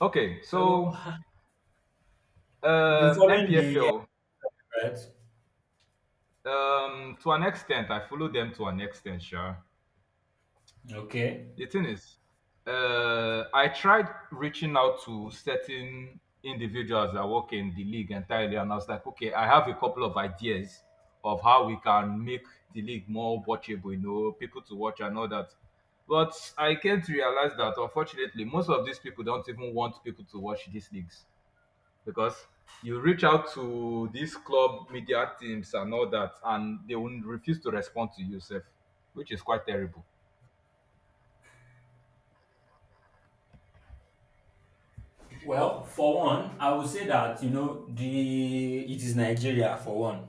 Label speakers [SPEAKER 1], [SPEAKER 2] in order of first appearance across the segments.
[SPEAKER 1] Okay,
[SPEAKER 2] So
[SPEAKER 1] so
[SPEAKER 2] you've been following the
[SPEAKER 1] MPFL,
[SPEAKER 2] right?
[SPEAKER 1] to an extent, I follow them to an extent, sure.
[SPEAKER 2] Okay.
[SPEAKER 1] The thing is, I tried reaching out to certain individuals that work in the league entirely, and I was like, okay, I have a couple of ideas of how we can make the league more watchable, people to watch and all that. But I came to realize that unfortunately, most of these people don't even want people to watch these leagues because you reach out to these club media teams and all that, and they will refuse to respond to you, yourself, which is quite terrible.
[SPEAKER 2] Well, for one, I would say that you know the it is Nigeria for one,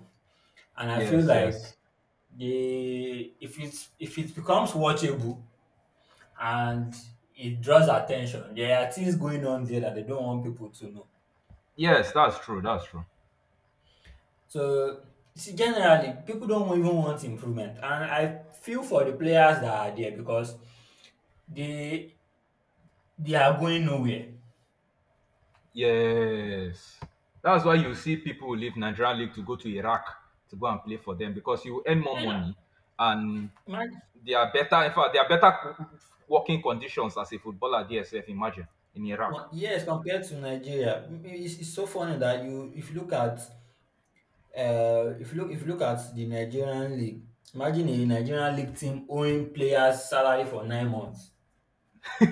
[SPEAKER 2] and I feel
[SPEAKER 1] Yes,
[SPEAKER 2] like
[SPEAKER 1] yes,
[SPEAKER 2] the if it becomes watchable and it draws attention, there are things going on there that they don't want people to know.
[SPEAKER 1] yes, that's true. That's true.
[SPEAKER 2] So see, generally, people don't even want improvement, and I feel for the players that are there because they they are going nowhere.
[SPEAKER 1] Yes, that's why you see people leave Nigerian league to go to Iraq to go and play for them because you earn more
[SPEAKER 2] And,
[SPEAKER 1] money and
[SPEAKER 2] uh,
[SPEAKER 1] they are better. In fact, they are better working conditions as a footballer. There, DSF, imagine in
[SPEAKER 2] Com
[SPEAKER 1] Iraq.
[SPEAKER 2] yes, compared to Nigeria. It's it's, so funny that you if you look at if you look at the Nigerian league. Imagine a Nigerian league team owing players salary for 9 months.
[SPEAKER 1] and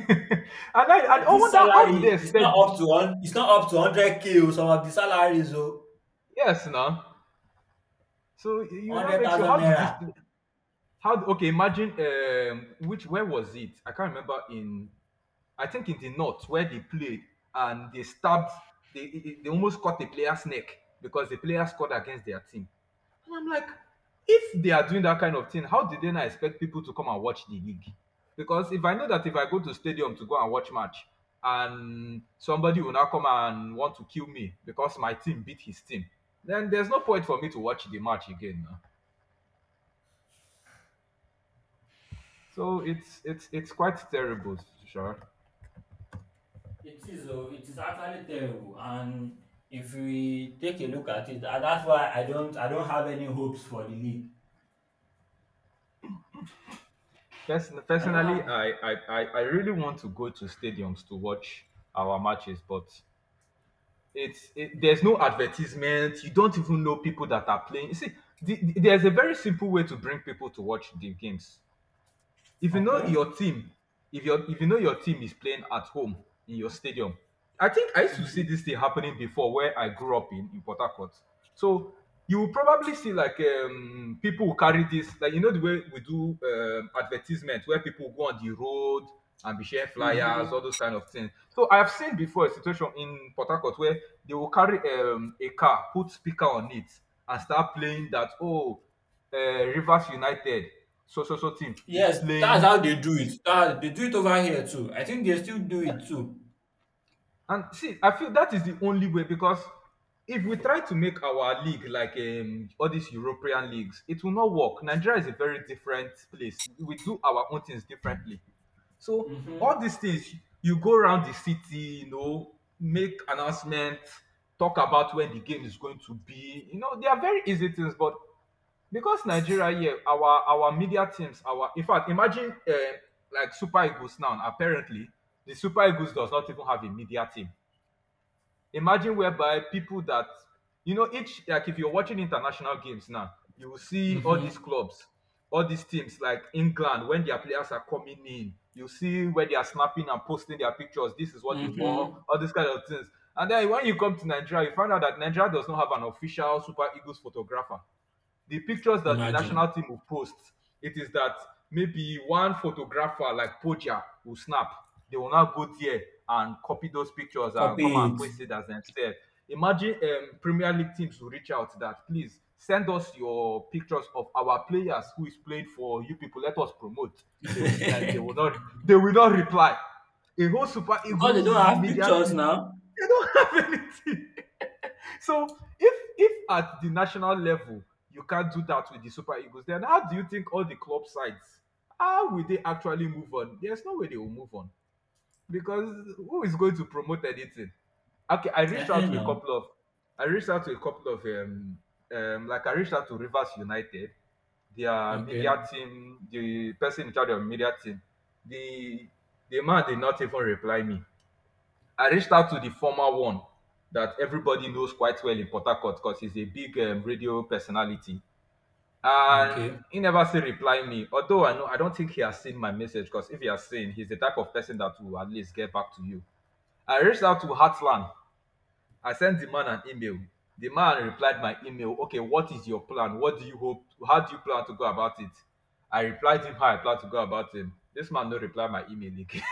[SPEAKER 1] I, and
[SPEAKER 2] And
[SPEAKER 1] I
[SPEAKER 2] this
[SPEAKER 1] wonder, how do they
[SPEAKER 2] salary is
[SPEAKER 1] expect?
[SPEAKER 2] not up to one it's not up to 100K o, some of the salaries o,
[SPEAKER 1] Yes, no. So you now
[SPEAKER 2] hundred
[SPEAKER 1] makes you
[SPEAKER 2] thousand
[SPEAKER 1] how do this
[SPEAKER 2] naira.
[SPEAKER 1] okay, imagine which, where was it? I can't remember in I think in the north where they played, and they stabbed, they they almost cut the player's neck because the player scored against their team. And I'm like, if they are doing that kind of thing, how did they not expect people to come and watch the league? Because if I know that if I go to stadium to go and watch match and somebody will now come and want to kill me because my team beat his team, then there's no point for me to watch the match again. Nah. So it's quite terrible, sure.
[SPEAKER 2] It is o, it is actually terrible, and if we take a look at it, and that's why I don't have any hopes for the league.
[SPEAKER 1] Person,
[SPEAKER 2] I don't
[SPEAKER 1] personally,
[SPEAKER 2] have.
[SPEAKER 1] I really want to go to stadiums to watch our matches, but there's no advertisement. You don't even know people that are playing. You see, there's a very simple way to bring people to watch the games. If you know
[SPEAKER 2] Okay.
[SPEAKER 1] your team if your if you know your team is playing at home in your stadium. I think I used to see
[SPEAKER 2] Mhm.
[SPEAKER 1] this thing happening before where I grew up in Port Harcourt. So you will probably see like people will carry this, like, the way we do advertisement where people go on the road and be sharing flyers, all
[SPEAKER 2] Mhm.
[SPEAKER 1] those kind of things. So I have seen before a situation in Port Harcourt where they will carry a car, put speaker on it and start playing that, oh, Rivers United, so so so team is
[SPEAKER 2] Yes, that's
[SPEAKER 1] playing.
[SPEAKER 2] how they do
[SPEAKER 1] Is
[SPEAKER 2] it. They do it over here too. I think they still do
[SPEAKER 1] Yeah.
[SPEAKER 2] it too.
[SPEAKER 1] And see, I feel that is the only way because if we try to make our league like all these European leagues, it will not work. Nigeria is a very different place. We do our own things differently. So all
[SPEAKER 2] Mhm.
[SPEAKER 1] these things, you go around the city, make announcements, talk about when the game is going to be. You know, they are very easy things, but because Nigeria here, our media teams, our in fact, imagine like Super Eagles now. Apparently, the Super Eagles does not even have a media team. Imagine whereby people that, you know, each, like, if you're watching international games now, you will see all these
[SPEAKER 2] Mhm.
[SPEAKER 1] clubs, all these teams like England. When their players are coming in, you see where they are snapping and posting their pictures. This is what they wore,
[SPEAKER 2] Mhm.
[SPEAKER 1] all these kind of things. And then when you come to Nigeria, you find out that Nigeria does not have an official Super Eagles photographer. The pictures that the
[SPEAKER 2] Imagine.
[SPEAKER 1] national team will post, it is that maybe one photographer like Poja will snap. They will now go there and copy those pictures and come
[SPEAKER 2] Copy
[SPEAKER 1] and
[SPEAKER 2] it.
[SPEAKER 1] post it as themselves. Imagine Premier League teams will reach out that, please send us your pictures of our players who is playing for you people. Let us promote. They, will- they will not. They will not reply. A whole Super
[SPEAKER 2] Because they
[SPEAKER 1] Eagles
[SPEAKER 2] don't have
[SPEAKER 1] media
[SPEAKER 2] pictures
[SPEAKER 1] team.
[SPEAKER 2] now.
[SPEAKER 1] They don't have anything. So if at the national level you can't do that with the Super Eagles, then how do you think all the club sides, how will they actually move on? There's no way they will move on because who is going to promote anything? Okay,
[SPEAKER 2] Now.
[SPEAKER 1] I reached out to a couple of I reached out to Rivers United, their media
[SPEAKER 2] Okay.
[SPEAKER 1] team, the person in charge of media team. The the man did not even reply me. I reached out to the former one that everybody knows quite well in Port Harcourt because he's a big radio personality. And
[SPEAKER 2] Okay.
[SPEAKER 1] he never still reply me. Although I know, I don't think he has seen my message, because if he has seen, he's the type of person that will at least get back to you. I reached out to Heartland. I sent the man an email. The man replied my email. Okay, what is your plan? What do you hope? How do you plan to go about it? I replied him how I plan to go about it. This man no reply my email again.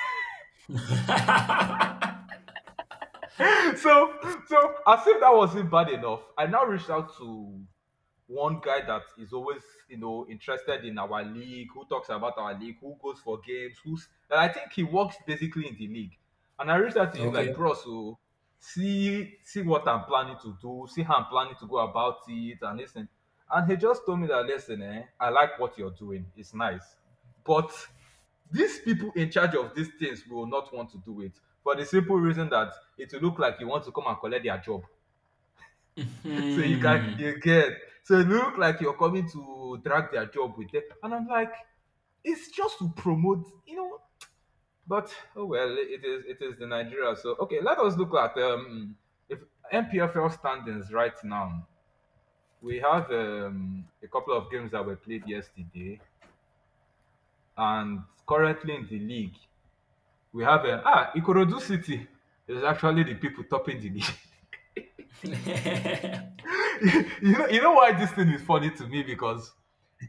[SPEAKER 1] So, as if that wasn't bad enough, I now reached out to one guy that is always, interested in our league, who talks about our league, who goes for games, who's and I think he works basically in the league. And I reached out to him like,
[SPEAKER 2] Okay.
[SPEAKER 1] bro, so see what I'm planning to do, see how I'm planning to go about it, and listen. And he just told me that, listen, I like what you're doing, it's nice, but these people in charge of these things will not want to do it for the simple reason that it will look like you want to come and collect their job, so you can,
[SPEAKER 2] Hmm.
[SPEAKER 1] you get, so it look like you're coming to drag their job with them. And I'm like, it's just to promote. But, oh well, it is the Nigeria. So okay, let us look at if MPFL standings right now. We have a couple of games that were played yesterday, and currently in the league we have Ikorodu City is actually the people topping the league. You know why this thing is funny to me? Because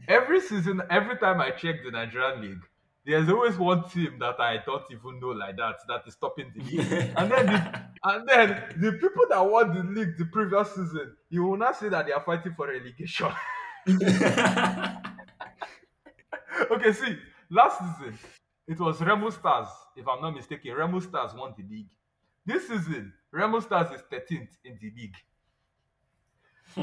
[SPEAKER 1] every season, every time I check the Nigerian league, there's always one team that I don't even know like that, that is topping the league. And then
[SPEAKER 2] Hmm.
[SPEAKER 1] the and then the people that won the league the previous season, you will not say that they are fighting for relegation. Okay, see, last season it was Remo Stars, if I'm not mistaken. Remo Stars won the league. This season, Remo Stars is 13th in the league.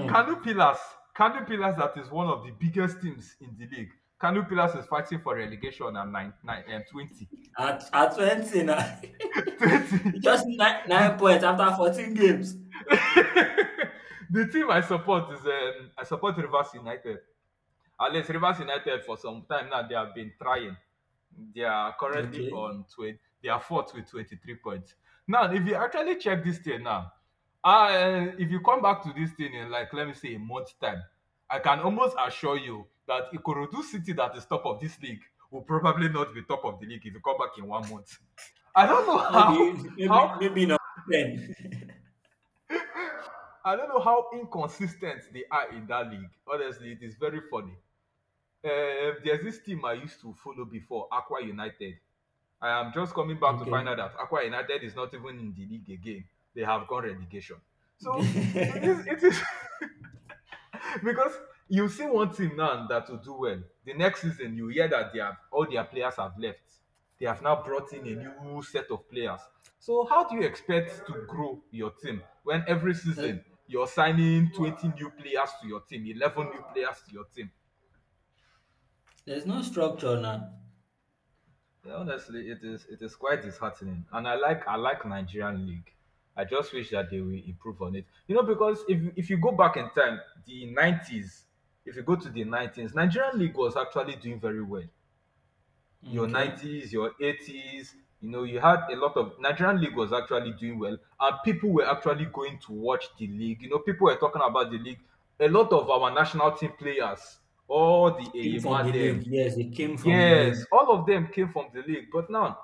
[SPEAKER 1] Kanu Pillars, Kanu Pillars that is one of the biggest teams in the league. Kanu Pillars is fighting for relegation and nine, nine, and 20.
[SPEAKER 2] At 20 now.
[SPEAKER 1] Twenty.
[SPEAKER 2] You just need nine
[SPEAKER 1] the team,
[SPEAKER 2] nine points after 14 games.
[SPEAKER 1] the team I support is I support Rivers United. At least Rivers United, for some time now, they have been trying. They are currently
[SPEAKER 2] Okay.
[SPEAKER 1] on 20. They are fourth with 23 points. Now, if you actually check this thing now, if you come back to this thing in, like, let me say a month's time, I can almost assure you that Ikorodu City that is top of this league will probably not be top of the league if you come back in one month. I don't know
[SPEAKER 2] Maybe,
[SPEAKER 1] how
[SPEAKER 2] maybe, maybe not then.
[SPEAKER 1] how inconsistent they are in that league. Honestly, it is very funny. There's this team I used to follow before, Aqua United. I am just coming back to find
[SPEAKER 2] Okay.
[SPEAKER 1] out that Aqua United is not even in the league again. They have gone relegation. So it is. It is. Because you see one team now that will do well, the next season you hear that they have, all their players have left. They have now brought in a new set of players. So how do you expect to grow your team when every
[SPEAKER 2] there's,
[SPEAKER 1] season you're signing 20 new players to your team, 11 new players to your team?
[SPEAKER 2] there's no structure now.
[SPEAKER 1] Yeah, honestly, it is quite disheartening, and I like Nigerian league. I just wish that they will improve on it. You know, because if you go back in time, the 90s, if you go to the 90s, Nigerian league was actually doing very well. Your
[SPEAKER 2] Okay.
[SPEAKER 1] nineties, your 80s, you know, you had a lot of Nigerian league was actually doing well, and people were actually going to watch the league. You know, people were talking about the league. A lot of our national team players, all the
[SPEAKER 2] Came from the
[SPEAKER 1] Eyema.
[SPEAKER 2] league. Yes, it came from the
[SPEAKER 1] Yes,
[SPEAKER 2] league.
[SPEAKER 1] all of them came from the league, but now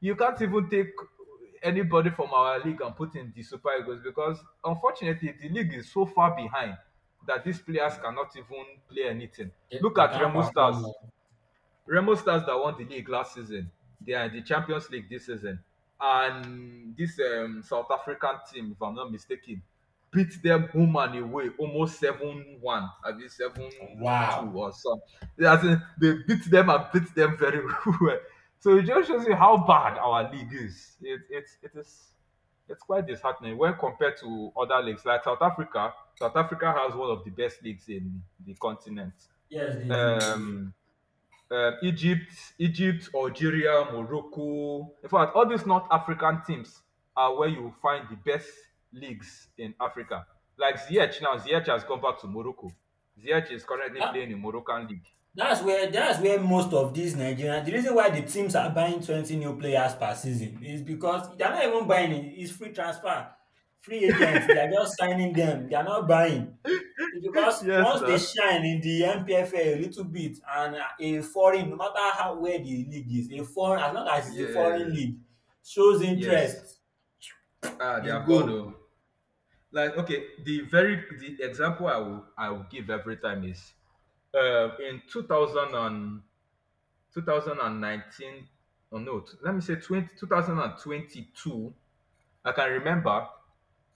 [SPEAKER 1] you can't even take anybody from our league and put in the Super Eagles because unfortunately the league is so far behind that these players cannot even play anything.
[SPEAKER 2] They,
[SPEAKER 1] Look
[SPEAKER 2] they
[SPEAKER 1] at
[SPEAKER 2] can't
[SPEAKER 1] Remo Stars.
[SPEAKER 2] perform. Oh.
[SPEAKER 1] Remo Stars that won the league last season, they are in the Champions League this season. And this South African team, if I'm not mistaken, beat them home and away almost 7-1, I mean 7-2
[SPEAKER 2] Wow.
[SPEAKER 1] or something. They beat them and beat them very well. So it just shows you how bad our league is. It is it's quite disheartening when compared to other leagues like South Africa. South Africa has one of the best leagues in the continent.
[SPEAKER 2] Yes, they do. They do. They do.
[SPEAKER 1] Um, Egypt, Algeria, Morocco. In fact, all these North African teams are where you find the best leagues in Africa. Like Ziyech now, Ziyech has gone back to Morocco. Ziyech is currently
[SPEAKER 2] That,
[SPEAKER 1] playing in Moroccan league.
[SPEAKER 2] that's where that's where most of these Nigerians. The reason why the teams are buying 20 new players per season is because they're not even buying it. It's free transfer, free agents. They are just signing them. They are not buying. It's because
[SPEAKER 1] Yes,
[SPEAKER 2] once they
[SPEAKER 1] sir.
[SPEAKER 2] shine in the NPFL a little bit and a foreign, no matter how where the league is, a foreign, as long as it's a foreign
[SPEAKER 1] Yes,
[SPEAKER 2] league shows
[SPEAKER 1] yes.
[SPEAKER 2] interest,
[SPEAKER 1] Ah, they
[SPEAKER 2] they
[SPEAKER 1] have gone.
[SPEAKER 2] go.
[SPEAKER 1] Oh. Like okay, the example I will give every time is in 2002 thousand and nineteen. Oh no, let me say 20 2022. I can remember,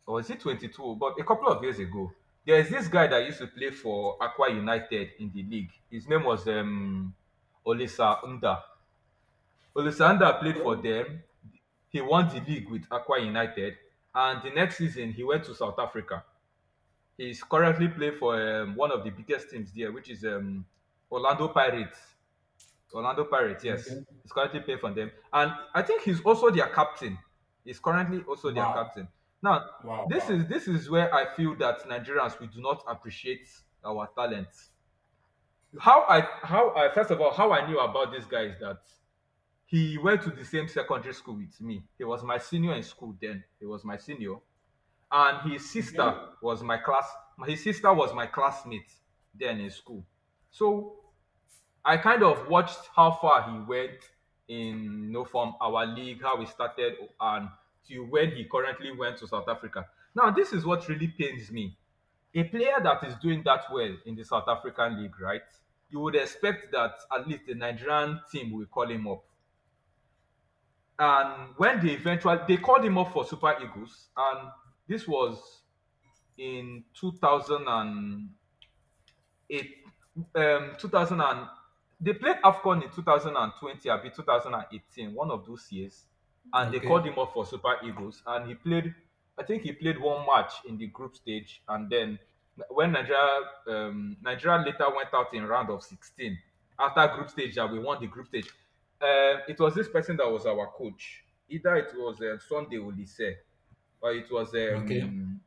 [SPEAKER 1] or is it 22? But a couple of years ago, there is this guy that used to play for Aqua United in the league. His name was Olisa Nda. Olisa Nda played
[SPEAKER 2] Okay.
[SPEAKER 1] for them. He won the league with Aqua United. And the next season, he went to South Africa. He's currently playing for one of the biggest teams there, which is Orlando Pirates. Orlando Pirates, yes.
[SPEAKER 2] Okay.
[SPEAKER 1] He's currently playing for them. And I think he's also their captain. He's currently also their
[SPEAKER 2] Wow.
[SPEAKER 1] captain. Now,
[SPEAKER 2] Wow.
[SPEAKER 1] this is
[SPEAKER 2] Wow.
[SPEAKER 1] this is where I feel that Nigerians we do not appreciate our talents. How I first of all, how I knew about this guy is that he went to the same secondary school with me. He was my senior in school then. He was my senior. And
[SPEAKER 2] Okay.
[SPEAKER 1] his sister was my classmate then in school. So I kind of watched how far he went in, you know, from our league, how he started, and to where he currently went to South Africa. Now, this is what really pains me. A player that is doing that well in the South African league, right? You would expect that at least the Nigerian team will call him up. And when they called him up for Super Eagles, and this was in 2000 and 8, 2000 and they played AFCON in 2020 abi 2018, one of those years, and they called
[SPEAKER 2] Okay.
[SPEAKER 1] him up for Super Eagles and he played. I think he played one match in the group stage and then when Nigeria later went out in round of 16 after group stage that we won the group stage. It was this person that was our coach. Either it was Sunday Olise or it was
[SPEAKER 2] Okay.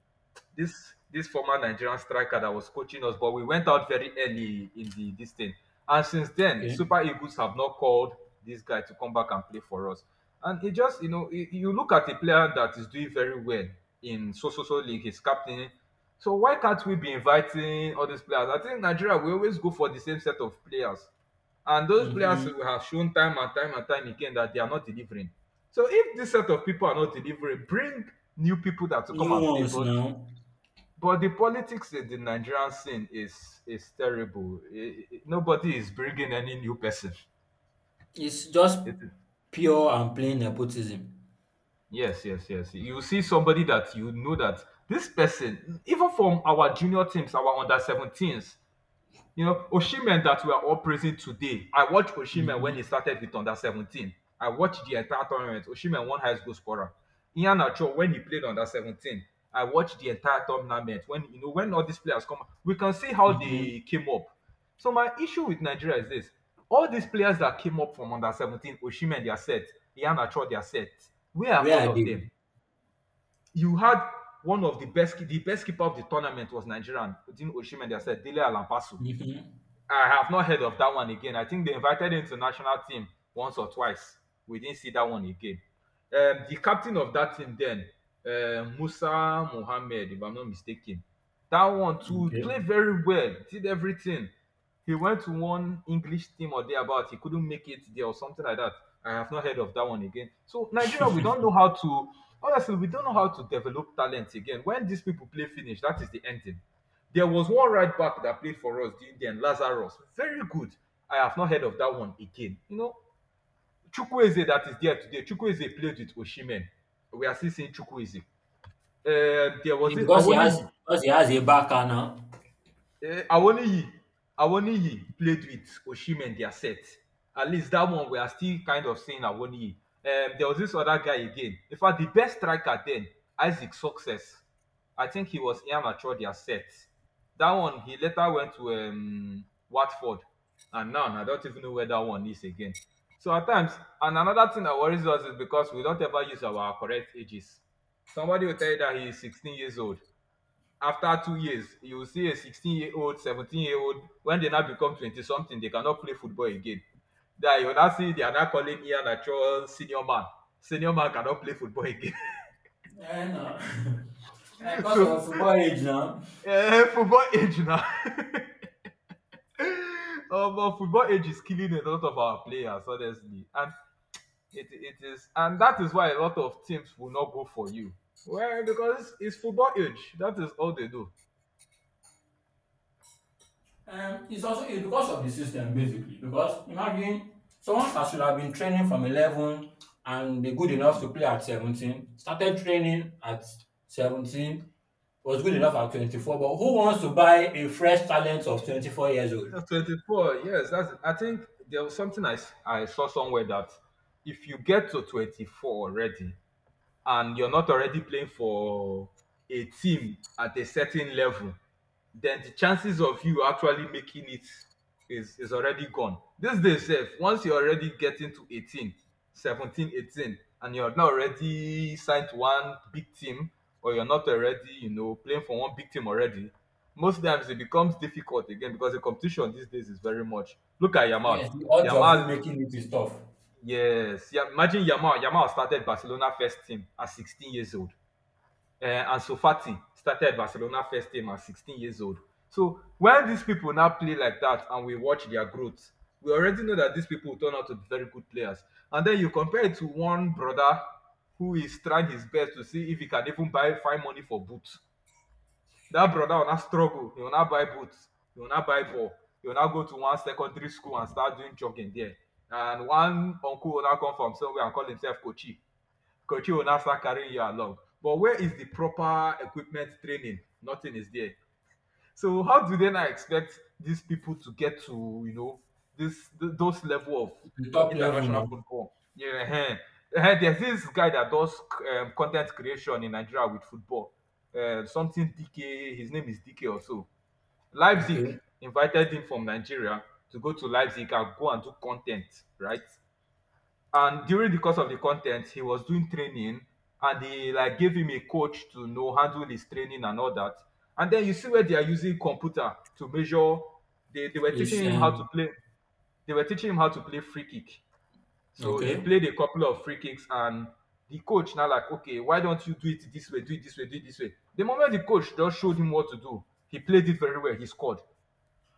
[SPEAKER 1] this former Nigerian striker that was coaching us, but we went out very early in the this thing. And since then,
[SPEAKER 2] Okay.
[SPEAKER 1] Super Eagles have not called this guy to come back and play for us. And it just, you know, you look at a player that is doing very well in so so so league, he's captain. So why can't we be inviting all these players? I think Nigeria we always go for the same set of players. And those players
[SPEAKER 2] Mm-hmm.
[SPEAKER 1] who have shown time and time and time again that they are not delivering. So if this set of people are not delivering, bring new people that to come
[SPEAKER 2] New
[SPEAKER 1] and play.
[SPEAKER 2] ones
[SPEAKER 1] But
[SPEAKER 2] now.
[SPEAKER 1] the politics in the Nigerian scene is terrible. Nobody is bringing any new person.
[SPEAKER 2] It's just
[SPEAKER 1] It,
[SPEAKER 2] pure and plain nepotism.
[SPEAKER 1] yes, yes, yes. You see somebody that you know that this person, even from our junior teams, our under 17s. You know, Oshimen that we are all praising today. I watched Oshimen when he
[SPEAKER 2] Mm-hmm.
[SPEAKER 1] started with under 17. I watched the entire tournament. Oshimen won highest goal scorer. Ian Acho when he played under 17. I watched the entire tournament. When you know when all these players come, we can see how
[SPEAKER 2] Mm-hmm.
[SPEAKER 1] they came up. So my issue with Nigeria is this: all these players that came up from under 17, Oshimen they are set, Ian Acho they are set. Where are
[SPEAKER 2] Where
[SPEAKER 1] all
[SPEAKER 2] are
[SPEAKER 1] of
[SPEAKER 2] they?
[SPEAKER 1] them? You had one of the best keeper of the tournament was Nigerian, Odin Oshimen. They are set, Dele Alampasu.
[SPEAKER 2] Mm-hmm.
[SPEAKER 1] I have not heard of that one again. I think they invited him to national team once or twice. We didn't see that one again. The captain of that team then, Musa Mohammed, if I'm not mistaken, that one too played
[SPEAKER 2] Okay.
[SPEAKER 1] very well, did everything. He went to one English team or thereabout. He couldn't make it there or something like that. I have not heard of that one again. So Nigeria, we don't know how to honestly, we don't know how to develop talent again. When these people play finish, that is the ending. There was one right back that played for us during then, Lazarus. Very good. I have not heard of that one again. You know, Chukwueze that is there today. Chukwueze played with Oshimen. We are still seeing Chukwueze. There was
[SPEAKER 2] And
[SPEAKER 1] this
[SPEAKER 2] because he has
[SPEAKER 1] Awoniyi.
[SPEAKER 2] because he has a backer now.
[SPEAKER 1] Eh, Awoniyi Awoniyi played with Osimhen their set. At least that one we are still kind of seeing Awoniyi. There was this other guy again. In fact, the best striker then, Isaac Success. I think he was Ian Amateur their set. That one he later went to Watford, and now I don't even know where that one is again. So at times, and another thing that worries us is because we don't ever use our correct ages. Somebody will tell you that he is 16 years old. After 2 years you will see a 16-year old, 17-year old. When they now become 20 something they cannot play football again. That you will now see they are now calling Ian Achor senior man. Senior man cannot play football again.
[SPEAKER 2] Eh, no. Eh, because
[SPEAKER 1] So,
[SPEAKER 2] of football age now.
[SPEAKER 1] eh, football age now. But football age is killing a lot of our players honestly and it is, and that is why a lot of teams will not go for you well because it's football age that is all they do.
[SPEAKER 2] It's also it's because of the system basically. Because imagine someone that should have been training from 11 and be good enough to play at 17, started training at 17, was good enough at 24. But who wants to buy a fresh talent of 24 years old?
[SPEAKER 1] 24, yes, that's I think there was something I saw somewhere that if you get to 24 already and you're not already playing for a team at a certain level, then the chances of you actually making it is already gone. This day safe, once you're already getting to 18, and you're not already signed to one big team, or you're not already, you know, playing for one big team already, most times it becomes difficult again because the competition these days is very much. Look at Yamal.
[SPEAKER 2] Yes, the odds of you
[SPEAKER 1] Yamal
[SPEAKER 2] making it is tough.
[SPEAKER 1] Yes, imagine Yamal. Yamal started Barcelona first team at 16 years old. And Sofati started Barcelona first team at 16 years old. So when these people now play like that and we watch their growth, we already know that these people turn out to be very good players. And then you compare it to one brother who is trying his best to see if he can even buy find money for boots. That brother will una struggle. He will una buy boots. He will una buy ball. He will una go to one secondary school and start doing jogging there, and one uncle will una come from somewhere and call himself kochi. Kochi una start carrying you along, but where is the proper equipment training, nothing is there. So how do they now expect these people to get to, you know, those level of
[SPEAKER 2] The top level
[SPEAKER 1] international
[SPEAKER 2] now.
[SPEAKER 1] football? Yeah, eh. Eh, there's this guy that does content creation in Nigeria with football. Something DK, his name is DK also. Leipzig
[SPEAKER 2] Okay.
[SPEAKER 1] invited him from Nigeria to go to Leipzig and go and do content, right? And during the course of the content he was doing training, and they like gave him a coach to, you know, handle his training and all that. And then you see where they are using computer to measure, they were
[SPEAKER 2] Is
[SPEAKER 1] teaching him how to play, they were teaching him how to play free kick. So he
[SPEAKER 2] Okay.
[SPEAKER 1] played a couple of free kicks and the coach now like, okay, why don't you do it this way, do it this way, do it this way. The moment the coach just showed him what to do he played it very well, he scored.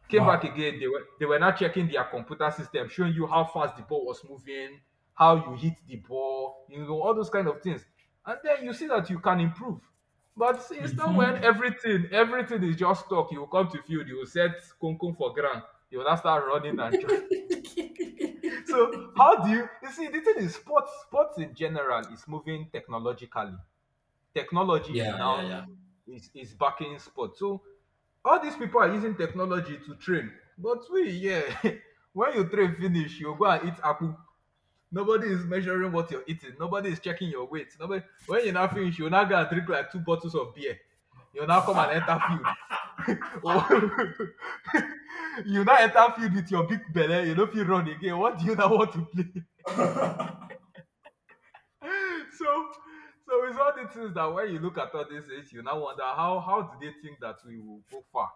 [SPEAKER 1] Came back
[SPEAKER 2] Wow.
[SPEAKER 1] again. They were now checking their computer system, showing you how fast the ball was moving, how you hit the ball, you know, all those kind of things. And then you see that you can improve. But see, it's not when
[SPEAKER 2] Mm-hmm.
[SPEAKER 1] everything is just talk. You will come to field, you will set Kunkun for ground, you will now start running and so how do you see the thing is sports in general is moving technologically. Technology is
[SPEAKER 2] Yeah, yeah,
[SPEAKER 1] now
[SPEAKER 2] yeah.
[SPEAKER 1] is backing sport. So all these people are using technology to train but we, yeah. When you train finish you go and eat apple. Nobody is measuring what you're eating, nobody is checking your weight, nobody, when you now finish you now go and drink like two bottles of beer, you now come and enter field. Oh. You now enter field with your big belly. You no feel run again, what do you now want to play? So, so it's all the things that when you look at all this, you now wonder how do they think that we will go far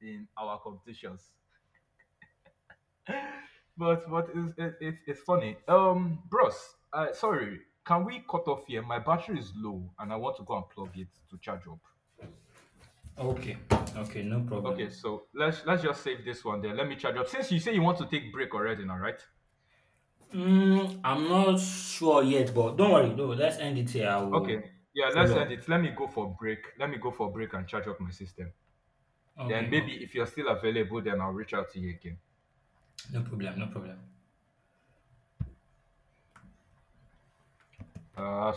[SPEAKER 1] in our competitions. But what is it, it's funny. Bros, sorry, can we cut off here? My battery is low, and I want to go and plug it to charge up.
[SPEAKER 2] Okay, okay, no problem.
[SPEAKER 1] Okay, so let's just save this one there. Let me charge up. Since you say you want to take break already, now, right?
[SPEAKER 2] I'm not sure yet, but don't worry, no, let's end it here. I
[SPEAKER 1] Okay,
[SPEAKER 2] will
[SPEAKER 1] yeah, let's
[SPEAKER 2] follow
[SPEAKER 1] end
[SPEAKER 2] up.
[SPEAKER 1] it. Let me go for break. Let me go for break and charge up my system. Then
[SPEAKER 2] Okay, okay,
[SPEAKER 1] maybe if you're still available, then I'll reach out to you again.
[SPEAKER 2] no problem, no problem.
[SPEAKER 1] I've